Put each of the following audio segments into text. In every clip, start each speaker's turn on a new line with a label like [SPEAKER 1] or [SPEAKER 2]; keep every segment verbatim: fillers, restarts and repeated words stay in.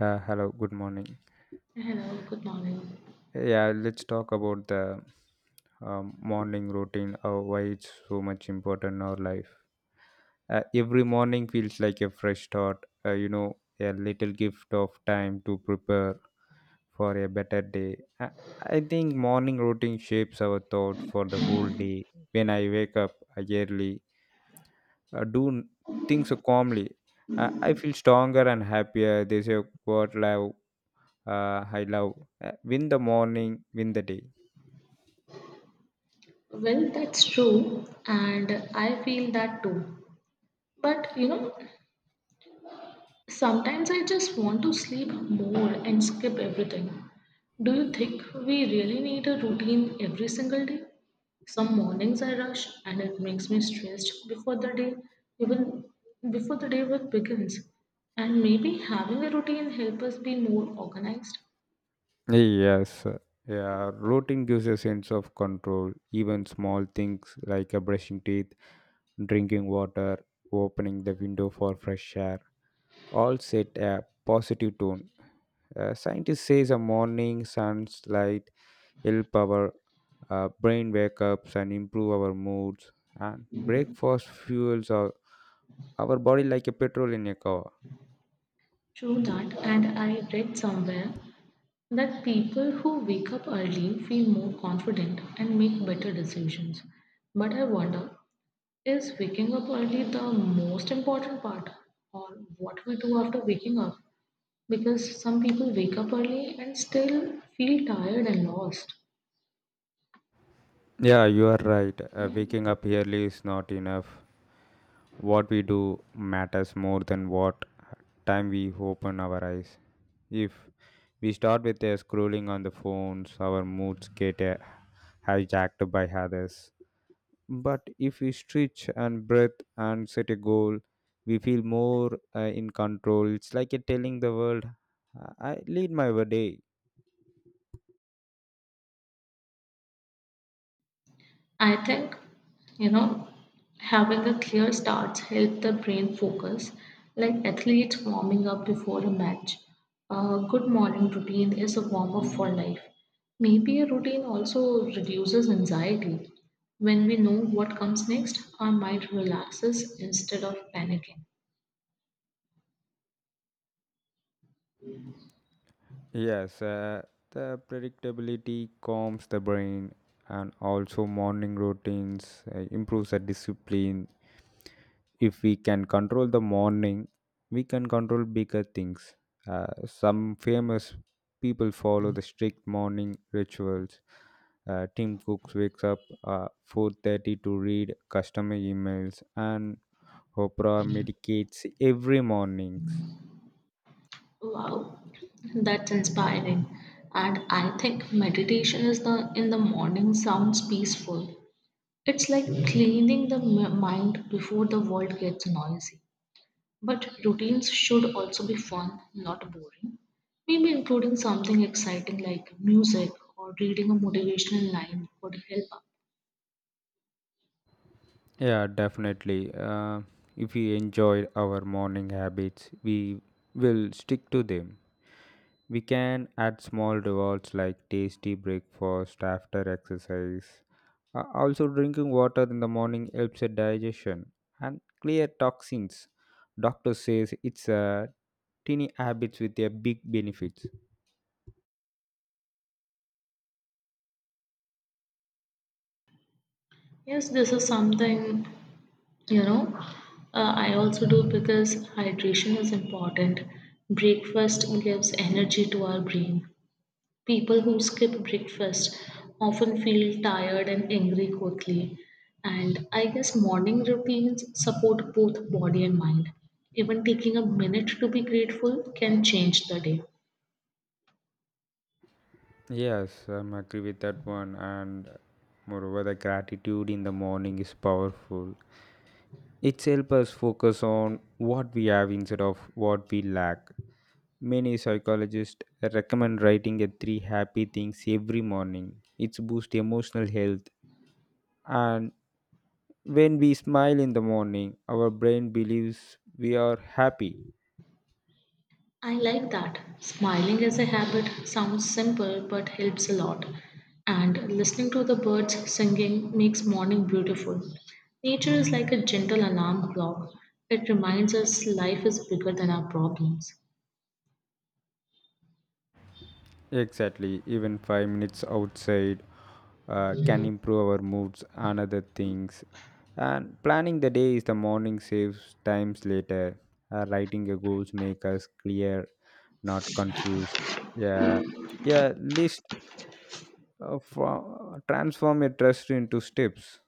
[SPEAKER 1] Uh, hello, good morning.
[SPEAKER 2] Hello, good morning.
[SPEAKER 1] Yeah, let's talk about the um, morning routine, uh, why it's so much important in our life. Uh, every morning feels like a fresh start, uh, you know, a little gift of time to prepare for a better day. I, I think morning routine shapes our thought for the whole day. When I wake up uh, early, uh, do n- things calmly. I I feel stronger and happier. They say what life uh, I love. Uh, win the morning, win the day.
[SPEAKER 2] Well, that's true, and I feel that too. But you know, sometimes I just want to sleep more and skip everything. Do you think we really need a routine every single day? Some mornings I rush and it makes me stressed before the day even before the day work begins. And maybe having a routine helps us be more organized.
[SPEAKER 1] Yes. Yeah, routine gives a sense of control. Even small things like uh, brushing teeth, drinking water, opening the window for fresh air, all set a positive tone. Uh, scientists say the morning sunlight help our uh, brain wake ups and improve our moods. And breakfast fuels our, our body like a petrol in a car.
[SPEAKER 2] True that, and I read somewhere that people who wake up early feel more confident and make better decisions. But I wonder, is waking up early the most important part or what we do after waking up? Because some people wake up early and still feel tired and lost.
[SPEAKER 1] Yeah, you are right. Uh, waking up early is not enough. What we do matters more than what time we open our eyes. If we start with uh, scrolling on the phones, our moods get uh, hijacked by others. But if we stretch and breathe and set a goal, we feel more uh, in control. It's like a telling the world, I I lead my day.
[SPEAKER 2] I think, you know, having a clear start helps the brain focus, like athletes warming up before a match. A good morning routine is a warm up for life. Maybe a routine also reduces anxiety. When we know what comes next, our mind relaxes instead of panicking.
[SPEAKER 1] Yes, uh, the predictability calms the brain, and also morning routines uh, improves the discipline. If we can control the morning, we can control bigger things. Uh, some famous people follow the strict morning rituals. Uh, Tim Cooks wakes up uh, four thirty to read customer emails, and Oprah meditates every morning.
[SPEAKER 2] Wow, that's inspiring. And I think meditation is the in the morning sounds peaceful. It's like cleaning the m- mind before the world gets noisy. But routines should also be fun, not boring. Maybe including something exciting like music or reading a motivational line would help out.
[SPEAKER 1] Yeah, definitely. Uh, if we enjoy our morning habits, we will stick to them. We can add small rewards like tasty breakfast after exercise. Uh, also, drinking water in the morning helps with digestion and clear toxins. Doctor says it's a teeny habits with a big benefits.
[SPEAKER 2] Yes, this is something you know uh, I also do because hydration is important. Breakfast gives energy to our brain. People who skip breakfast often feel tired and angry quickly. And I guess morning routines support both body and mind. Even taking a minute to be grateful can change the day.
[SPEAKER 1] Yes, I'm agree with that one. And moreover, the gratitude in the morning is powerful. It helps us focus on what we have instead of what we lack. Many psychologists recommend writing a three happy things every morning. It's boost emotional health, and when we smile in the morning, our brain believes we are happy.
[SPEAKER 2] I like that. Smiling as a habit sounds simple but helps a lot. And listening to the birds singing makes morning beautiful. Nature is like a gentle alarm clock. It reminds us life is bigger than our problems.
[SPEAKER 1] Exactly, even five minutes outside uh, can improve our moods and other things. And planning the day is the morning saves times later. Uh, writing your goals make us clear, not confused. Yeah, yeah. List uh, for, transform your trust into steps.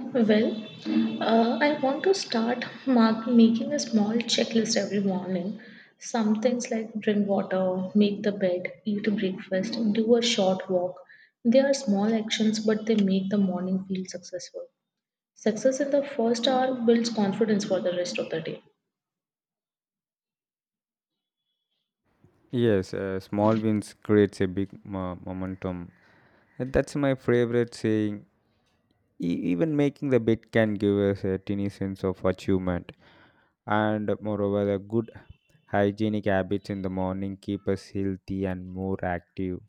[SPEAKER 2] Well, uh, I want to start mark, making a small checklist every morning. Some things like drink water, make the bed, eat breakfast, do a short walk. They are small actions, but they make the morning feel successful. Success in the first hour builds confidence for the rest of the day.
[SPEAKER 1] Yes, uh, small wins creates a big mo- momentum. And that's my favorite saying. E- even making the bit can give us a tiny sense of achievement. And moreover, the good hygienic habits in the morning keep us healthy and more active.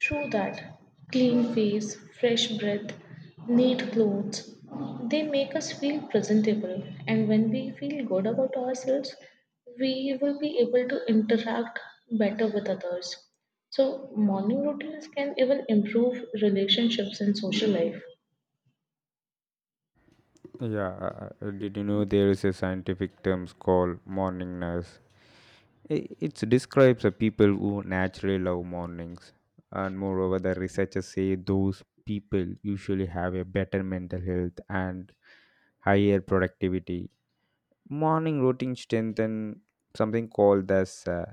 [SPEAKER 2] True that. Clean face, fresh breath, neat clothes, they make us feel presentable. And when we feel good about ourselves, we will be able to interact better with others. So, morning routines can even improve relationships and social life.
[SPEAKER 1] Yeah. Uh, uh, did you know there is a scientific terms called morningness? I- it describes the people who naturally love mornings, and moreover the researchers say those people usually have a better mental health and higher productivity. Morning routine strengthen something called as uh,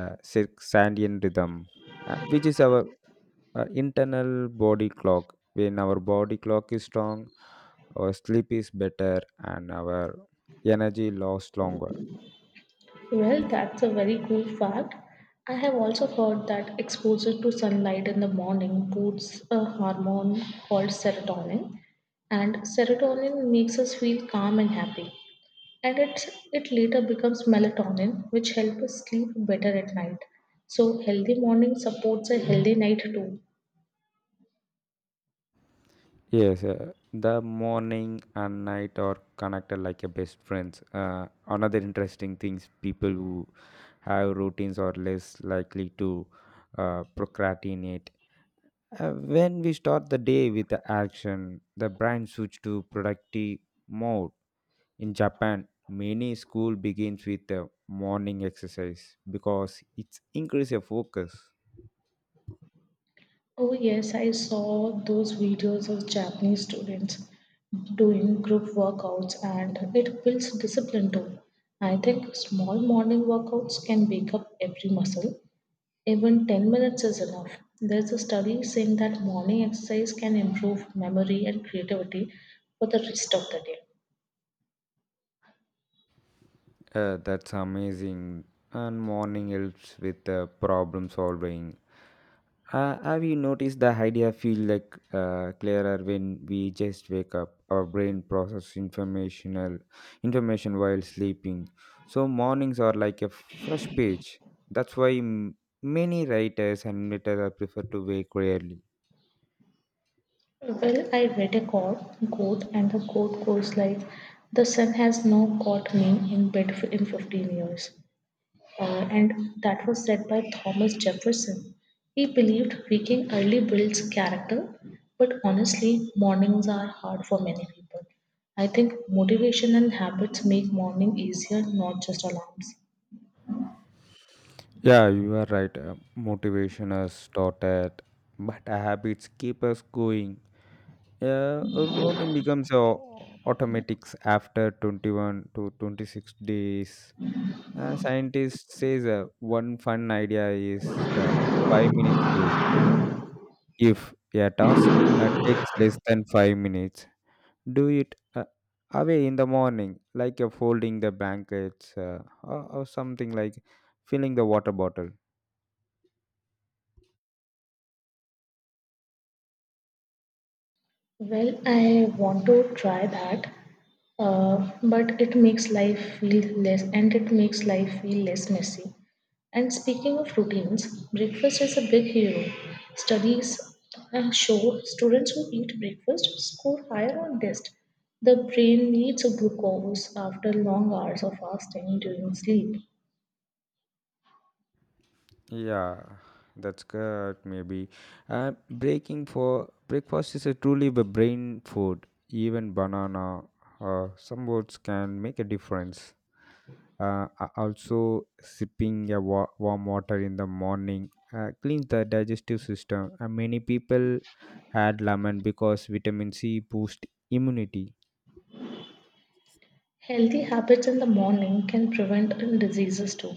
[SPEAKER 1] uh, circadian rhythm, uh, which is our uh, internal body clock. When our body clock is strong, our sleep is better and our energy lasts longer.
[SPEAKER 2] Well, that's a very cool fact. I have also heard that exposure to sunlight in the morning boosts a hormone called serotonin, and serotonin makes us feel calm and happy. And it, it later becomes melatonin, which helps us sleep better at night. So, healthy morning supports a healthy night too.
[SPEAKER 1] Yes, uh, the morning and night are connected like a best friends. Uh, another interesting things, people who have routines are less likely to uh, procrastinate. Uh, when we start the day with the action, the brain switch to productive mode. In Japan, many school begins with a morning exercise because it's increase your focus.
[SPEAKER 2] Oh, yes, I saw those videos of Japanese students doing group workouts and it builds discipline too. I think small morning workouts can wake up every muscle. Even ten minutes is enough. There's a study saying that morning exercise can improve memory and creativity for the rest of the day.
[SPEAKER 1] Uh, that's amazing. And morning helps with uh, problem solving. Uh, have you noticed the idea feel like uh, clearer when we just wake up? Our brain process informational information while sleeping. So mornings are like a fresh page. That's why m- many writers and writers prefer to wake early.
[SPEAKER 2] Well, I read a quote, quote, and the quote goes like, "The sun has now caught me in bed in fifteen years." uh, and that was said by Thomas Jefferson. He believed waking early builds character, but honestly, mornings are hard for many people. I think motivation and habits make morning easier, not just alarms.
[SPEAKER 1] Yeah, you are right. Uh, motivation is taught at, but habits keep us going. Yeah, a routine becomes a automatics after twenty-one to twenty-six days. Uh, scientists says uh, one fun idea is the five minutes rule. If a task uh, takes less than five minutes, do it uh, away in the morning, like uh, folding the blankets uh, or, or something like filling the water bottle.
[SPEAKER 2] Well, I want to try that, uh, but it makes life feel less, and it makes life feel less messy. And speaking of routines, breakfast is a big hero. Studies uh, show students who eat breakfast score higher on tests. The brain needs glucose after long hours of fasting during sleep.
[SPEAKER 1] Yeah, that's good. Maybe uh, breaking for breakfast is a truly the brain food. Even banana or some oats can make a difference. Uh, a- also, sipping a wa- warm water in the morning uh, cleans the digestive system. And many people add lemon because vitamin C boosts immunity.
[SPEAKER 2] Healthy habits in the morning can prevent diseases too.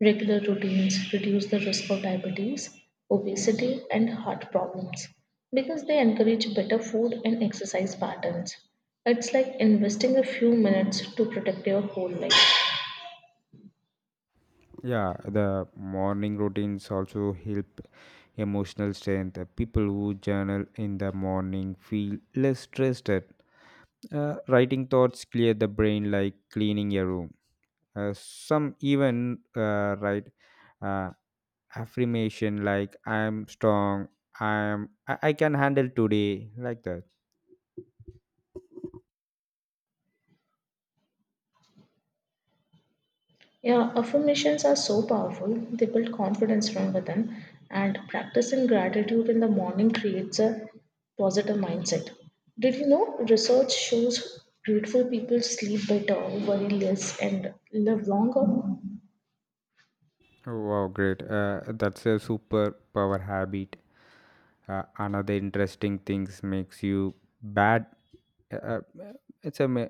[SPEAKER 2] Regular routines reduce the risk of diabetes, obesity, and heart problems because they encourage better food and exercise patterns. It's like investing a few minutes to protect your whole life.
[SPEAKER 1] Yeah, the morning routines also help emotional strength. Uh, People who journal in the morning feel less stressed. Uh, writing thoughts clear the brain like cleaning a room. Uh, some even uh, write uh, affirmation like "I am strong," "I am," I-, "I can handle today," like that.
[SPEAKER 2] Yeah, affirmations are so powerful. They build confidence from within, and practicing gratitude in the morning creates a positive mindset. Did you know research shows grateful people sleep better, worry less, and live longer?
[SPEAKER 1] Wow, great. Uh, that's a super power habit. Uh, another interesting things makes you bad. Uh, uh, it's a ma-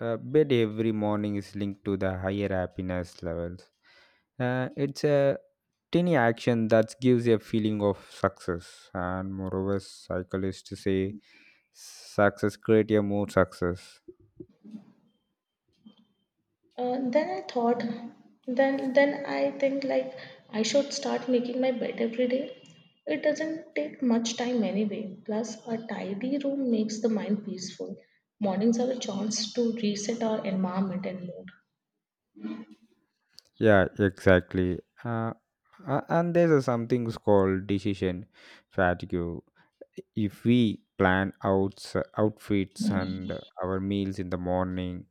[SPEAKER 1] uh, bed every morning is linked to the higher happiness levels. Uh, it's a tiny action that gives a feeling of success, and moreover, psychologists say success create a more success.
[SPEAKER 2] Uh, then I thought, then then I think like I should start making my bed every day. It doesn't take much time anyway. Plus, a tidy room makes the mind peaceful. Mornings are a chance to reset our environment and mood.
[SPEAKER 1] Yeah, exactly. Uh, a- and there's a something called decision fatigue. If we plan outs outfits and our meals in the morning,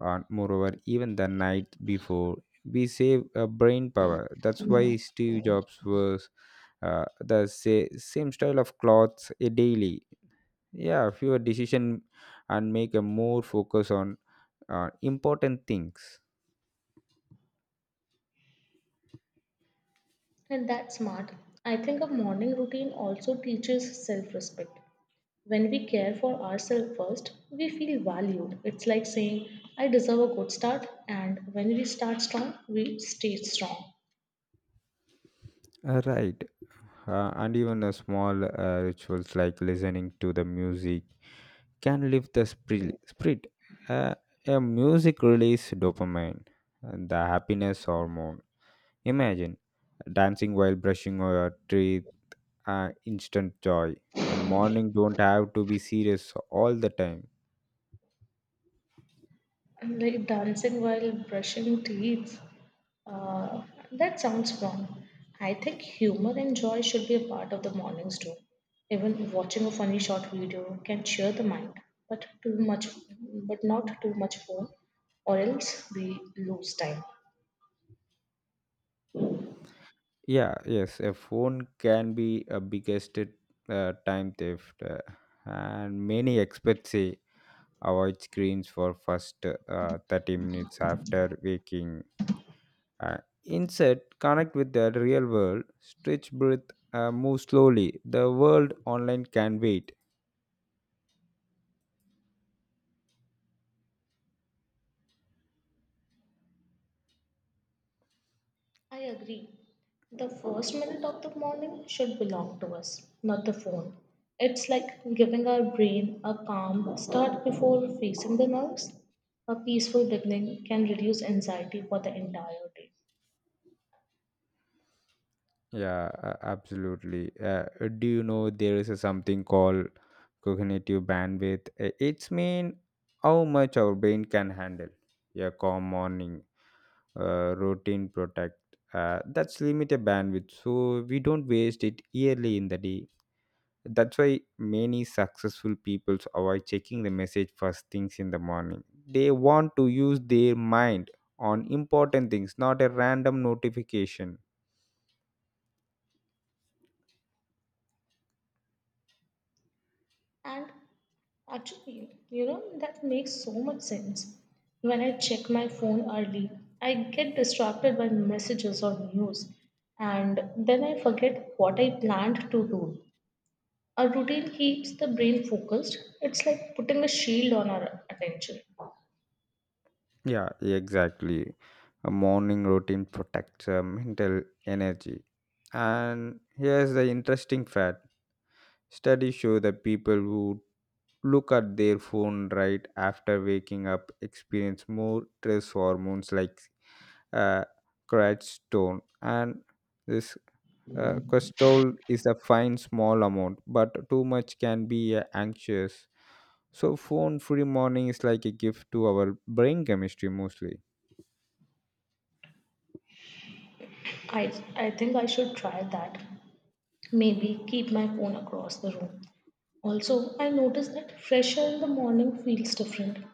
[SPEAKER 1] and moreover even the night before, we save uh, brain power. That's why Steve Jobs was uh, the say, same style of clothes a daily. Yeah, fewer decision and make a more focus on uh, important things.
[SPEAKER 2] And that's smart. I think a morning routine also teaches self-respect. When we care for ourselves first, we feel valued. It's like saying, "I deserve a good start," and when we start strong, we stay strong.
[SPEAKER 1] Uh, right. Uh, and even a small uh, rituals like listening to the music can lift the spri- spirit. Uh, a music release dopamine, uh, the happiness hormone. Imagine dancing while brushing your teeth, uh, instant joy. A morning don't have to be serious all the time.
[SPEAKER 2] And like dancing while brushing teeth. Uh, that sounds fun. I think humor and joy should be a part of the mornings too. Even watching a funny short video can cheer the mind, but too much, but not too much phone, or else we lose time.
[SPEAKER 1] Yeah, yes, a phone can be a biggest uh, time theft, uh, and many experts say avoid screens for first uh, thirty minutes after waking. Uh, instead, connect with the real world. Stretch, breathe, uh, move slowly. The world online can wait.
[SPEAKER 2] I agree. The first minute of the morning should belong to us, not the phone. It's like giving our brain a calm start before facing the nerves. A peaceful beginning can reduce anxiety for the entire day.
[SPEAKER 1] Yeah, uh, absolutely. Uh, do you know there is a something called cognitive bandwidth? Uh, It's mean how much our brain can handle. Yeah, calm morning, uh, routine protect. Uh, that's limited bandwidth, so we don't waste it yearly in the day. That's why many successful people avoid checking the message first things in the morning. They want to use their mind on important things, not a random notification.
[SPEAKER 2] And actually, you know, that makes so much sense. When I check my phone early, I get distracted by messages or news, and then I forget what I planned to do. Our routine keeps the brain focused. It's like putting a shield on our attention.
[SPEAKER 1] Yeah, exactly. A morning routine protects uh, mental energy. And here's the interesting fact, studies show that people who look at their phone right after waking up experience more stress hormones like uh, cortisol, and this Uh, cholesterol is a fine small amount, but too much can be uh, anxious. So phone free morning is like a gift to our brain chemistry mostly.
[SPEAKER 2] I, I think I should try that. Maybe keep my phone across the room. Also, I noticed that fresh air in the morning feels different.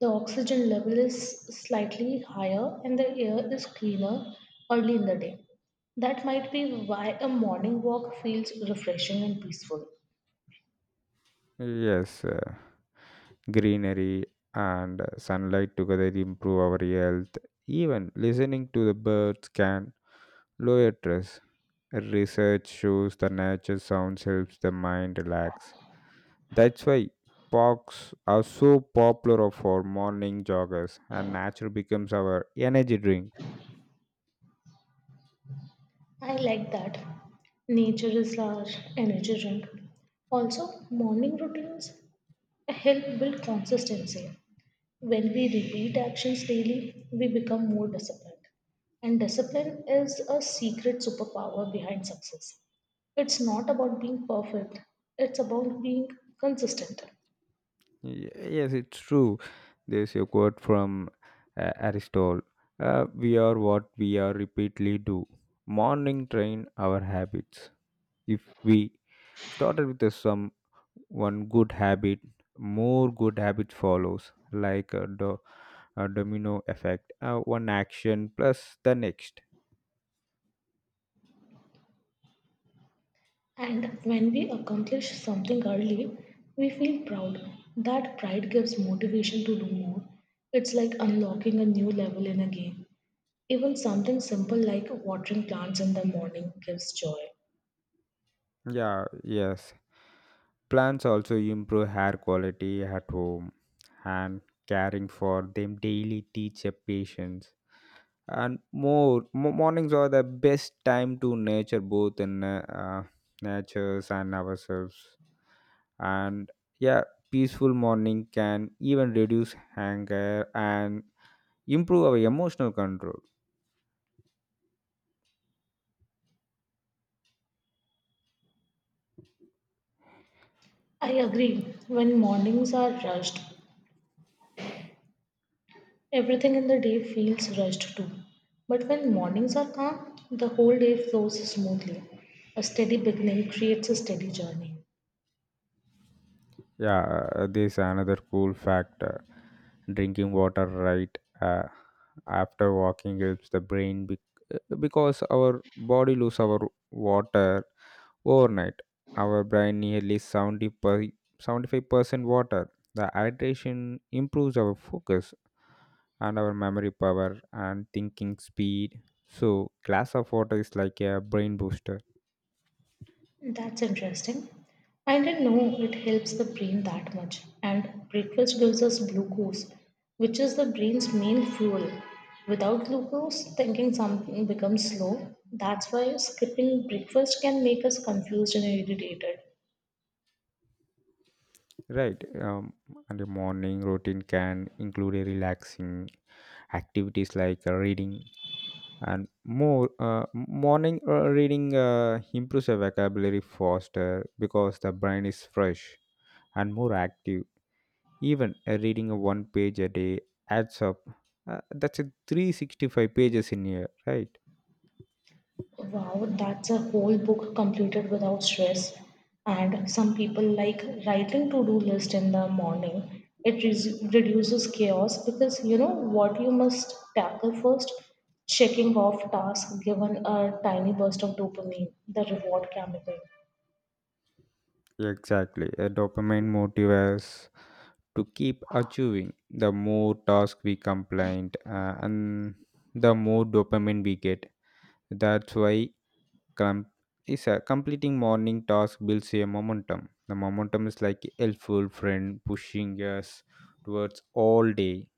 [SPEAKER 2] The oxygen level is slightly higher and the air is cleaner early in the day. That might be why a morning walk feels refreshing and peaceful.
[SPEAKER 1] Yes, uh, greenery and uh, sunlight together improve our health. Even listening to the birds can lower stress. Research shows the nature sounds helps the mind relax. That's why parks are so popular for morning joggers, and nature becomes our energy drink.
[SPEAKER 2] I like that. Nature is our energy drink. Also, morning routines help build consistency. When we repeat actions daily, we become more disciplined. And discipline is a secret superpower behind success. It's not about being perfect, it's about being consistent.
[SPEAKER 1] Ye- Yes, it's true. There's a quote from uh, Aristotle. uh, We are what we are repeatedly do. Morning train our habits. If we started with uh, some one good habit, more good habits follows, like a, do, a domino effect. Uh, one action plus the next.
[SPEAKER 2] And when we accomplish something early, we feel proud. That pride gives motivation to do more. It's like unlocking a new level in a game. Even something simple like watering plants in the morning gives joy.
[SPEAKER 1] Yeah, yes. Plants also improve hair quality at home, and caring for them daily teach a patience. And more mo- mornings are the best time to nature both in uh, uh, natures and ourselves. And yeah, peaceful morning can even reduce anger and improve our emotional control.
[SPEAKER 2] I agree. When mornings are rushed, everything in the day feels rushed too. But when mornings are calm, the whole day flows smoothly. A steady beginning creates a steady journey.
[SPEAKER 1] Yeah, uh, this another cool factor, drinking water right uh, after walking helps the brain bec- uh, because our body lose our water overnight. Our brain nearly seventy per, seventy-five percent water. The hydration improves our focus and our memory power and thinking speed. So, glass of water is like a brain booster,
[SPEAKER 2] That's interesting. I didn't know it helps the brain that much. And breakfast gives us glucose, which is the brain's main fuel. Without glucose, thinking something becomes slow. That's why skipping breakfast can make us confused and irritated.
[SPEAKER 1] right? Um, and the morning routine can include a relaxing activities like uh, reading and more. Uh, morning uh, reading uh, improves our vocabulary faster because the brain is fresh and more active. Even uh, reading a one page a day adds up. Uh, that's a three hundred sixty-five pages in a year, right?
[SPEAKER 2] Wow, that's a whole book completed without stress. And some people like writing to-do list in the morning. It re- reduces chaos because you know what you must tackle first. Checking off tasks given a tiny burst of dopamine, the reward chemical.
[SPEAKER 1] Exactly. A dopamine motivates to keep achieving. The more tasks we complete, uh, and the more dopamine we get. That's why com- is a completing morning task builds a momentum. The momentum is like a helpful friend pushing us towards all day.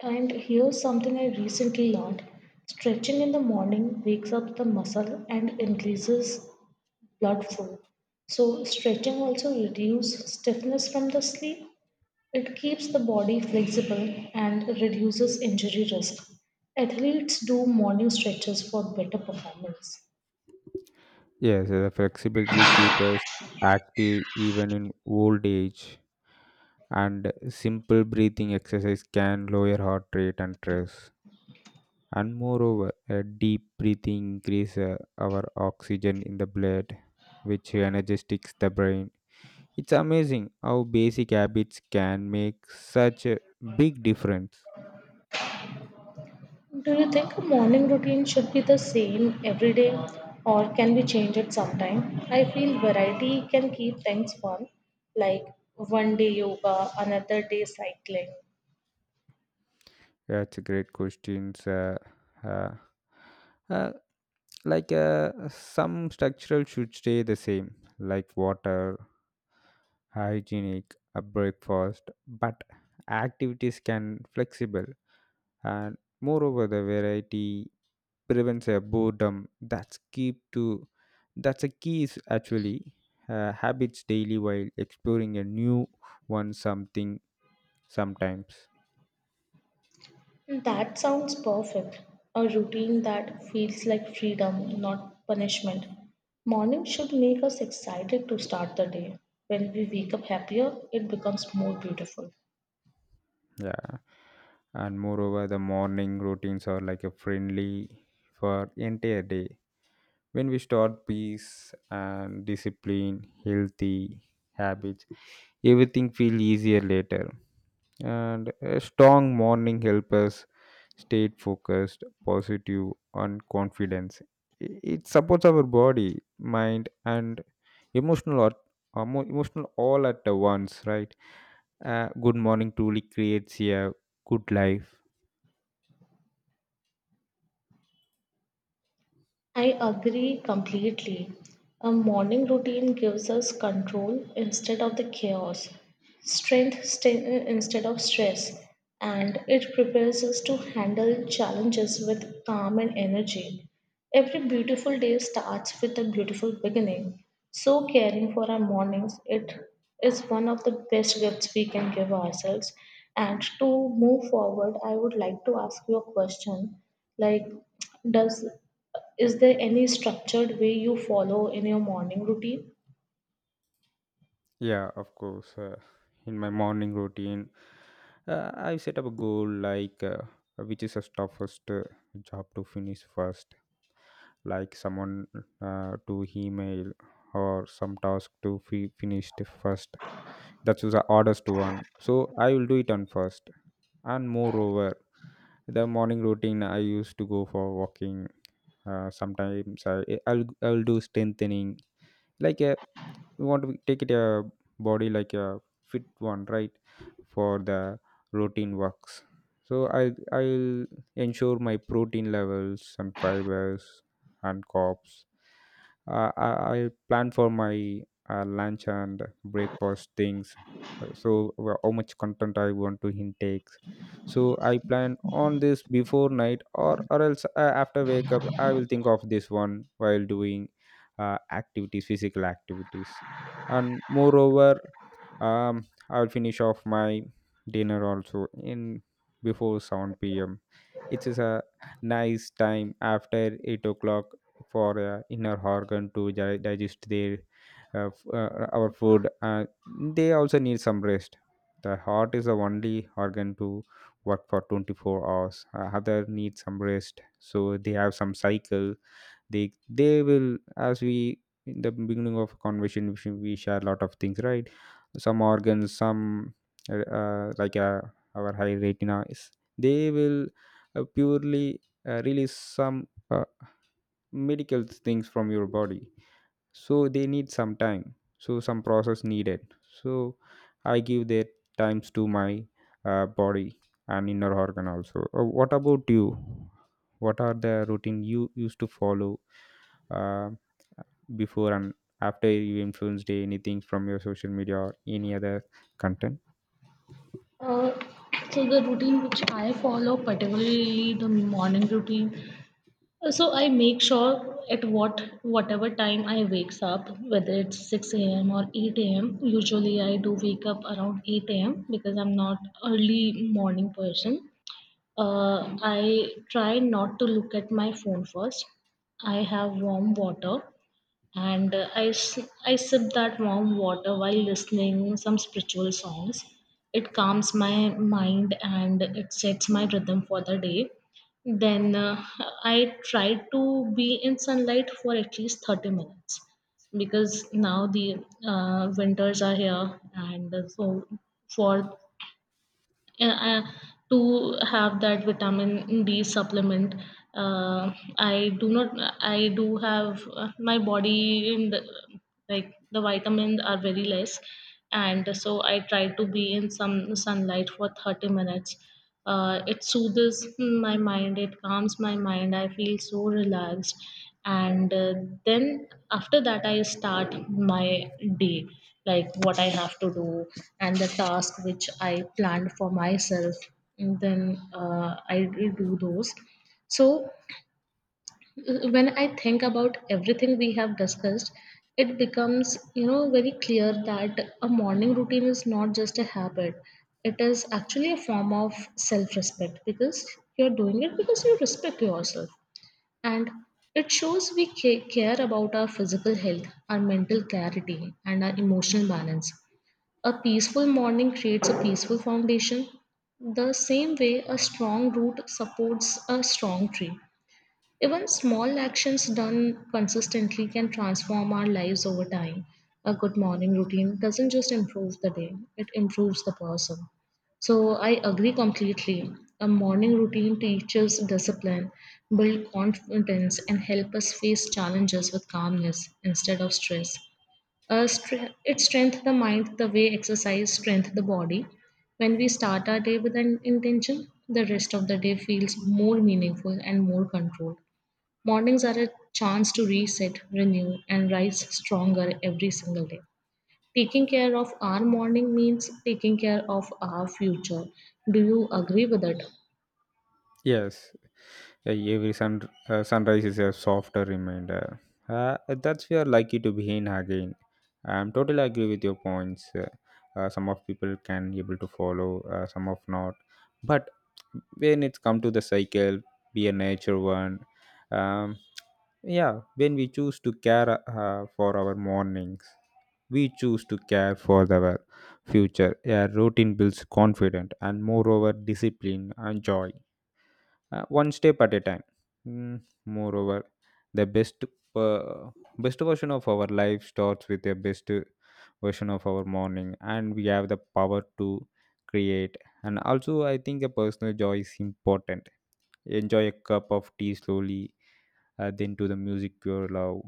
[SPEAKER 2] And here's something I recently learned. Stretching in the morning wakes up the muscle and increases blood flow. So stretching also reduces stiffness from the sleep. It keeps the body flexible and reduces injury risk. Athletes do morning stretches for better performance.
[SPEAKER 1] Yes, the flexibility keep us active even in old age, and simple breathing exercise can lower heart rate and stress. And moreover, a deep breathing increase uh, our oxygen in the blood, which energizes the brain. It's amazing how basic habits can make such a big difference.
[SPEAKER 2] Do you think a morning routine should be the same every day or can we change it sometime? I feel variety can keep things fun, like one day yoga, another day cycling.
[SPEAKER 1] That's a great questions. Uh, uh, uh, like uh, some structural should stay the same, like water hygienic a breakfast, but activities can flexible. And moreover, the variety prevents a boredom that's keep to that's a key is actually uh, habits daily while exploring a new one something sometimes
[SPEAKER 2] That sounds perfect. A routine that feels like freedom, not punishment. Morning should make us excited to start the day. When we wake up happier, it becomes more beautiful.
[SPEAKER 1] Yeah, and moreover, the morning routines are like a friendly for entire day. When we start peace and discipline, healthy habits, everything feel easier later. And a strong morning help us stay focused, positive, and confidence. I- it supports our body, mind, and emotional or emo- emotional all at the once, right? Uh, good morning truly creates a good life.
[SPEAKER 2] I agree completely. A morning routine gives us control instead of the chaos, strength st- instead of stress, and it prepares us to handle challenges with calm and energy. Every beautiful day starts with a beautiful beginning. So, caring for our mornings, it is one of the best gifts we can give ourselves. And to move forward, I would like to ask you a question. Like, does is there any structured way you follow in your morning routine?
[SPEAKER 1] Yeah, of course. Uh, in my morning routine, uh, I set up a goal like uh, which is a toughest uh, job to finish first, like someone uh, to email or some task to fi- finish the first. That was the hardest one, so I will do it on first. And moreover, the morning routine I used to go for walking. Uh, sometimes I I'll I'll do strengthening like a, you want to take it a body like a fit one, right? For the routine works. So I I'll ensure my protein levels and fibers and carbs. Uh, I I plan for my uh, lunch and breakfast things. Uh, So wha- how much content I want to intake. So I plan on this before night, or or else uh, after wake up I will think of this one while doing uh, activities, physical activities, and moreover. Um, I'll finish off my dinner also in before seven p m. It is a nice time after eight o'clock for uh, inner organ to di- digest their uh, f- uh, our food. Uh, they also need some rest. The heart is the only organ to work for twenty-four hours. Uh, other need some rest, so they have some cycle, they they will, as we in the beginning of conversation we we share a lot of things, right? Some organs, some uh, uh, like uh, our high retina is, they will uh, purely uh, release some uh, medical things from your body, so they need some time, so some process needed. So I give their times to my uh, body and inner organ also. Uh, what about you, what are the routine you used to follow? Uh, Before and after, you influenced anything from your social media or any other content?
[SPEAKER 2] Uh, so the routine which I follow, particularly the morning routine. Uh, So I make sure at what whatever time I wakes up, whether it's six a m or eight a m. Usually I do wake up around eight a m because I'm not early morning person. Uh, I try not to look at my phone first. I have warm water and uh, I, s- I sip that warm water while listening some spiritual songs. It calms my mind and it sets my rhythm for the day. Then uh, I try to be in sunlight for at least thirty minutes, because now the uh, winters are here, and so for uh, uh, to have that vitamin D supplement. Uh, I do not. I do have uh, my body in the, like the vitamins are very less, and so I try to be in some sunlight for thirty minutes. Uh, it soothes my mind, it calms my mind, I feel so relaxed. And uh, then after that, I start my day, like what I have to do, and the task which I planned for myself. And then uh, I do those. So when I think about everything we have discussed, it becomes, you know very clear that a morning routine is not just a habit. It is actually a form of self respect, because you're doing it because you respect yourself. And it shows we ca- care about our physical health, our mental clarity, and our emotional balance. A peaceful morning creates a peaceful foundation, the same way a strong root supports a strong tree. Even small actions done consistently can transform our lives over time. A good morning routine doesn't just improve the day, it improves the person. So I agree completely. A morning routine teaches discipline, build confidence, and help us face challenges with calmness instead of stress. Uh, stre- it strengthens the mind the way exercise strengthens the body. When we start our day with an intention, the rest of the day feels more meaningful and more controlled. Mornings are a chance to reset, renew, and rise stronger every single day. Taking care of our morning means taking care of our future. Do you agree with it?
[SPEAKER 1] Yes. uh, every sun uh, sunrise is a softer reminder uh, that's we are likely to begin again. I'm totally agree with your points. Uh, uh, some of people can able to follow, uh, some of not, but when it's come to the cycle, be a nature one. um, yeah, when we choose to care uh, for our mornings, we choose to care for our future. A routine builds confidence and, moreover, discipline and joy. Uh, one step at a time. Mm, moreover, the best uh, best version of our life starts with the best version of our morning, and we have the power to create. And also, I think a personal joy is important. Enjoy a cup of tea slowly, uh, then to the music you love,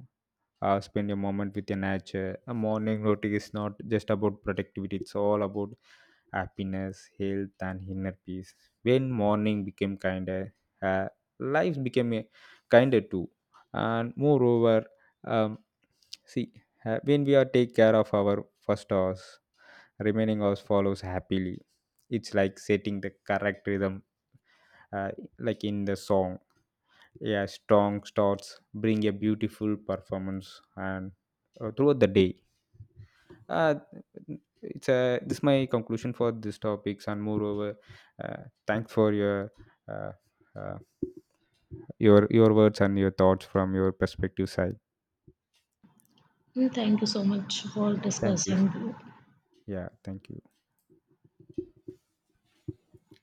[SPEAKER 1] uh, spend a moment with the nature. A morning routine is not just about productivity, it's all about happiness, health, and inner peace. When morning became kinder, uh, life became a kinder too. And moreover, um, see, uh, when we are take care of our first hours, remaining hours follows happily. It's like setting the correct rhythm, uh, like in the song. Yeah, strong starts bring a beautiful performance and uh, throughout the day. Uh, it's a This is my conclusion for these topics. And moreover, uh, thanks for your uh, uh, your your words and your thoughts from your perspective side.
[SPEAKER 2] Mm, Thank you so much for
[SPEAKER 1] Thank you.
[SPEAKER 2] discussing
[SPEAKER 1] Yeah, thank you.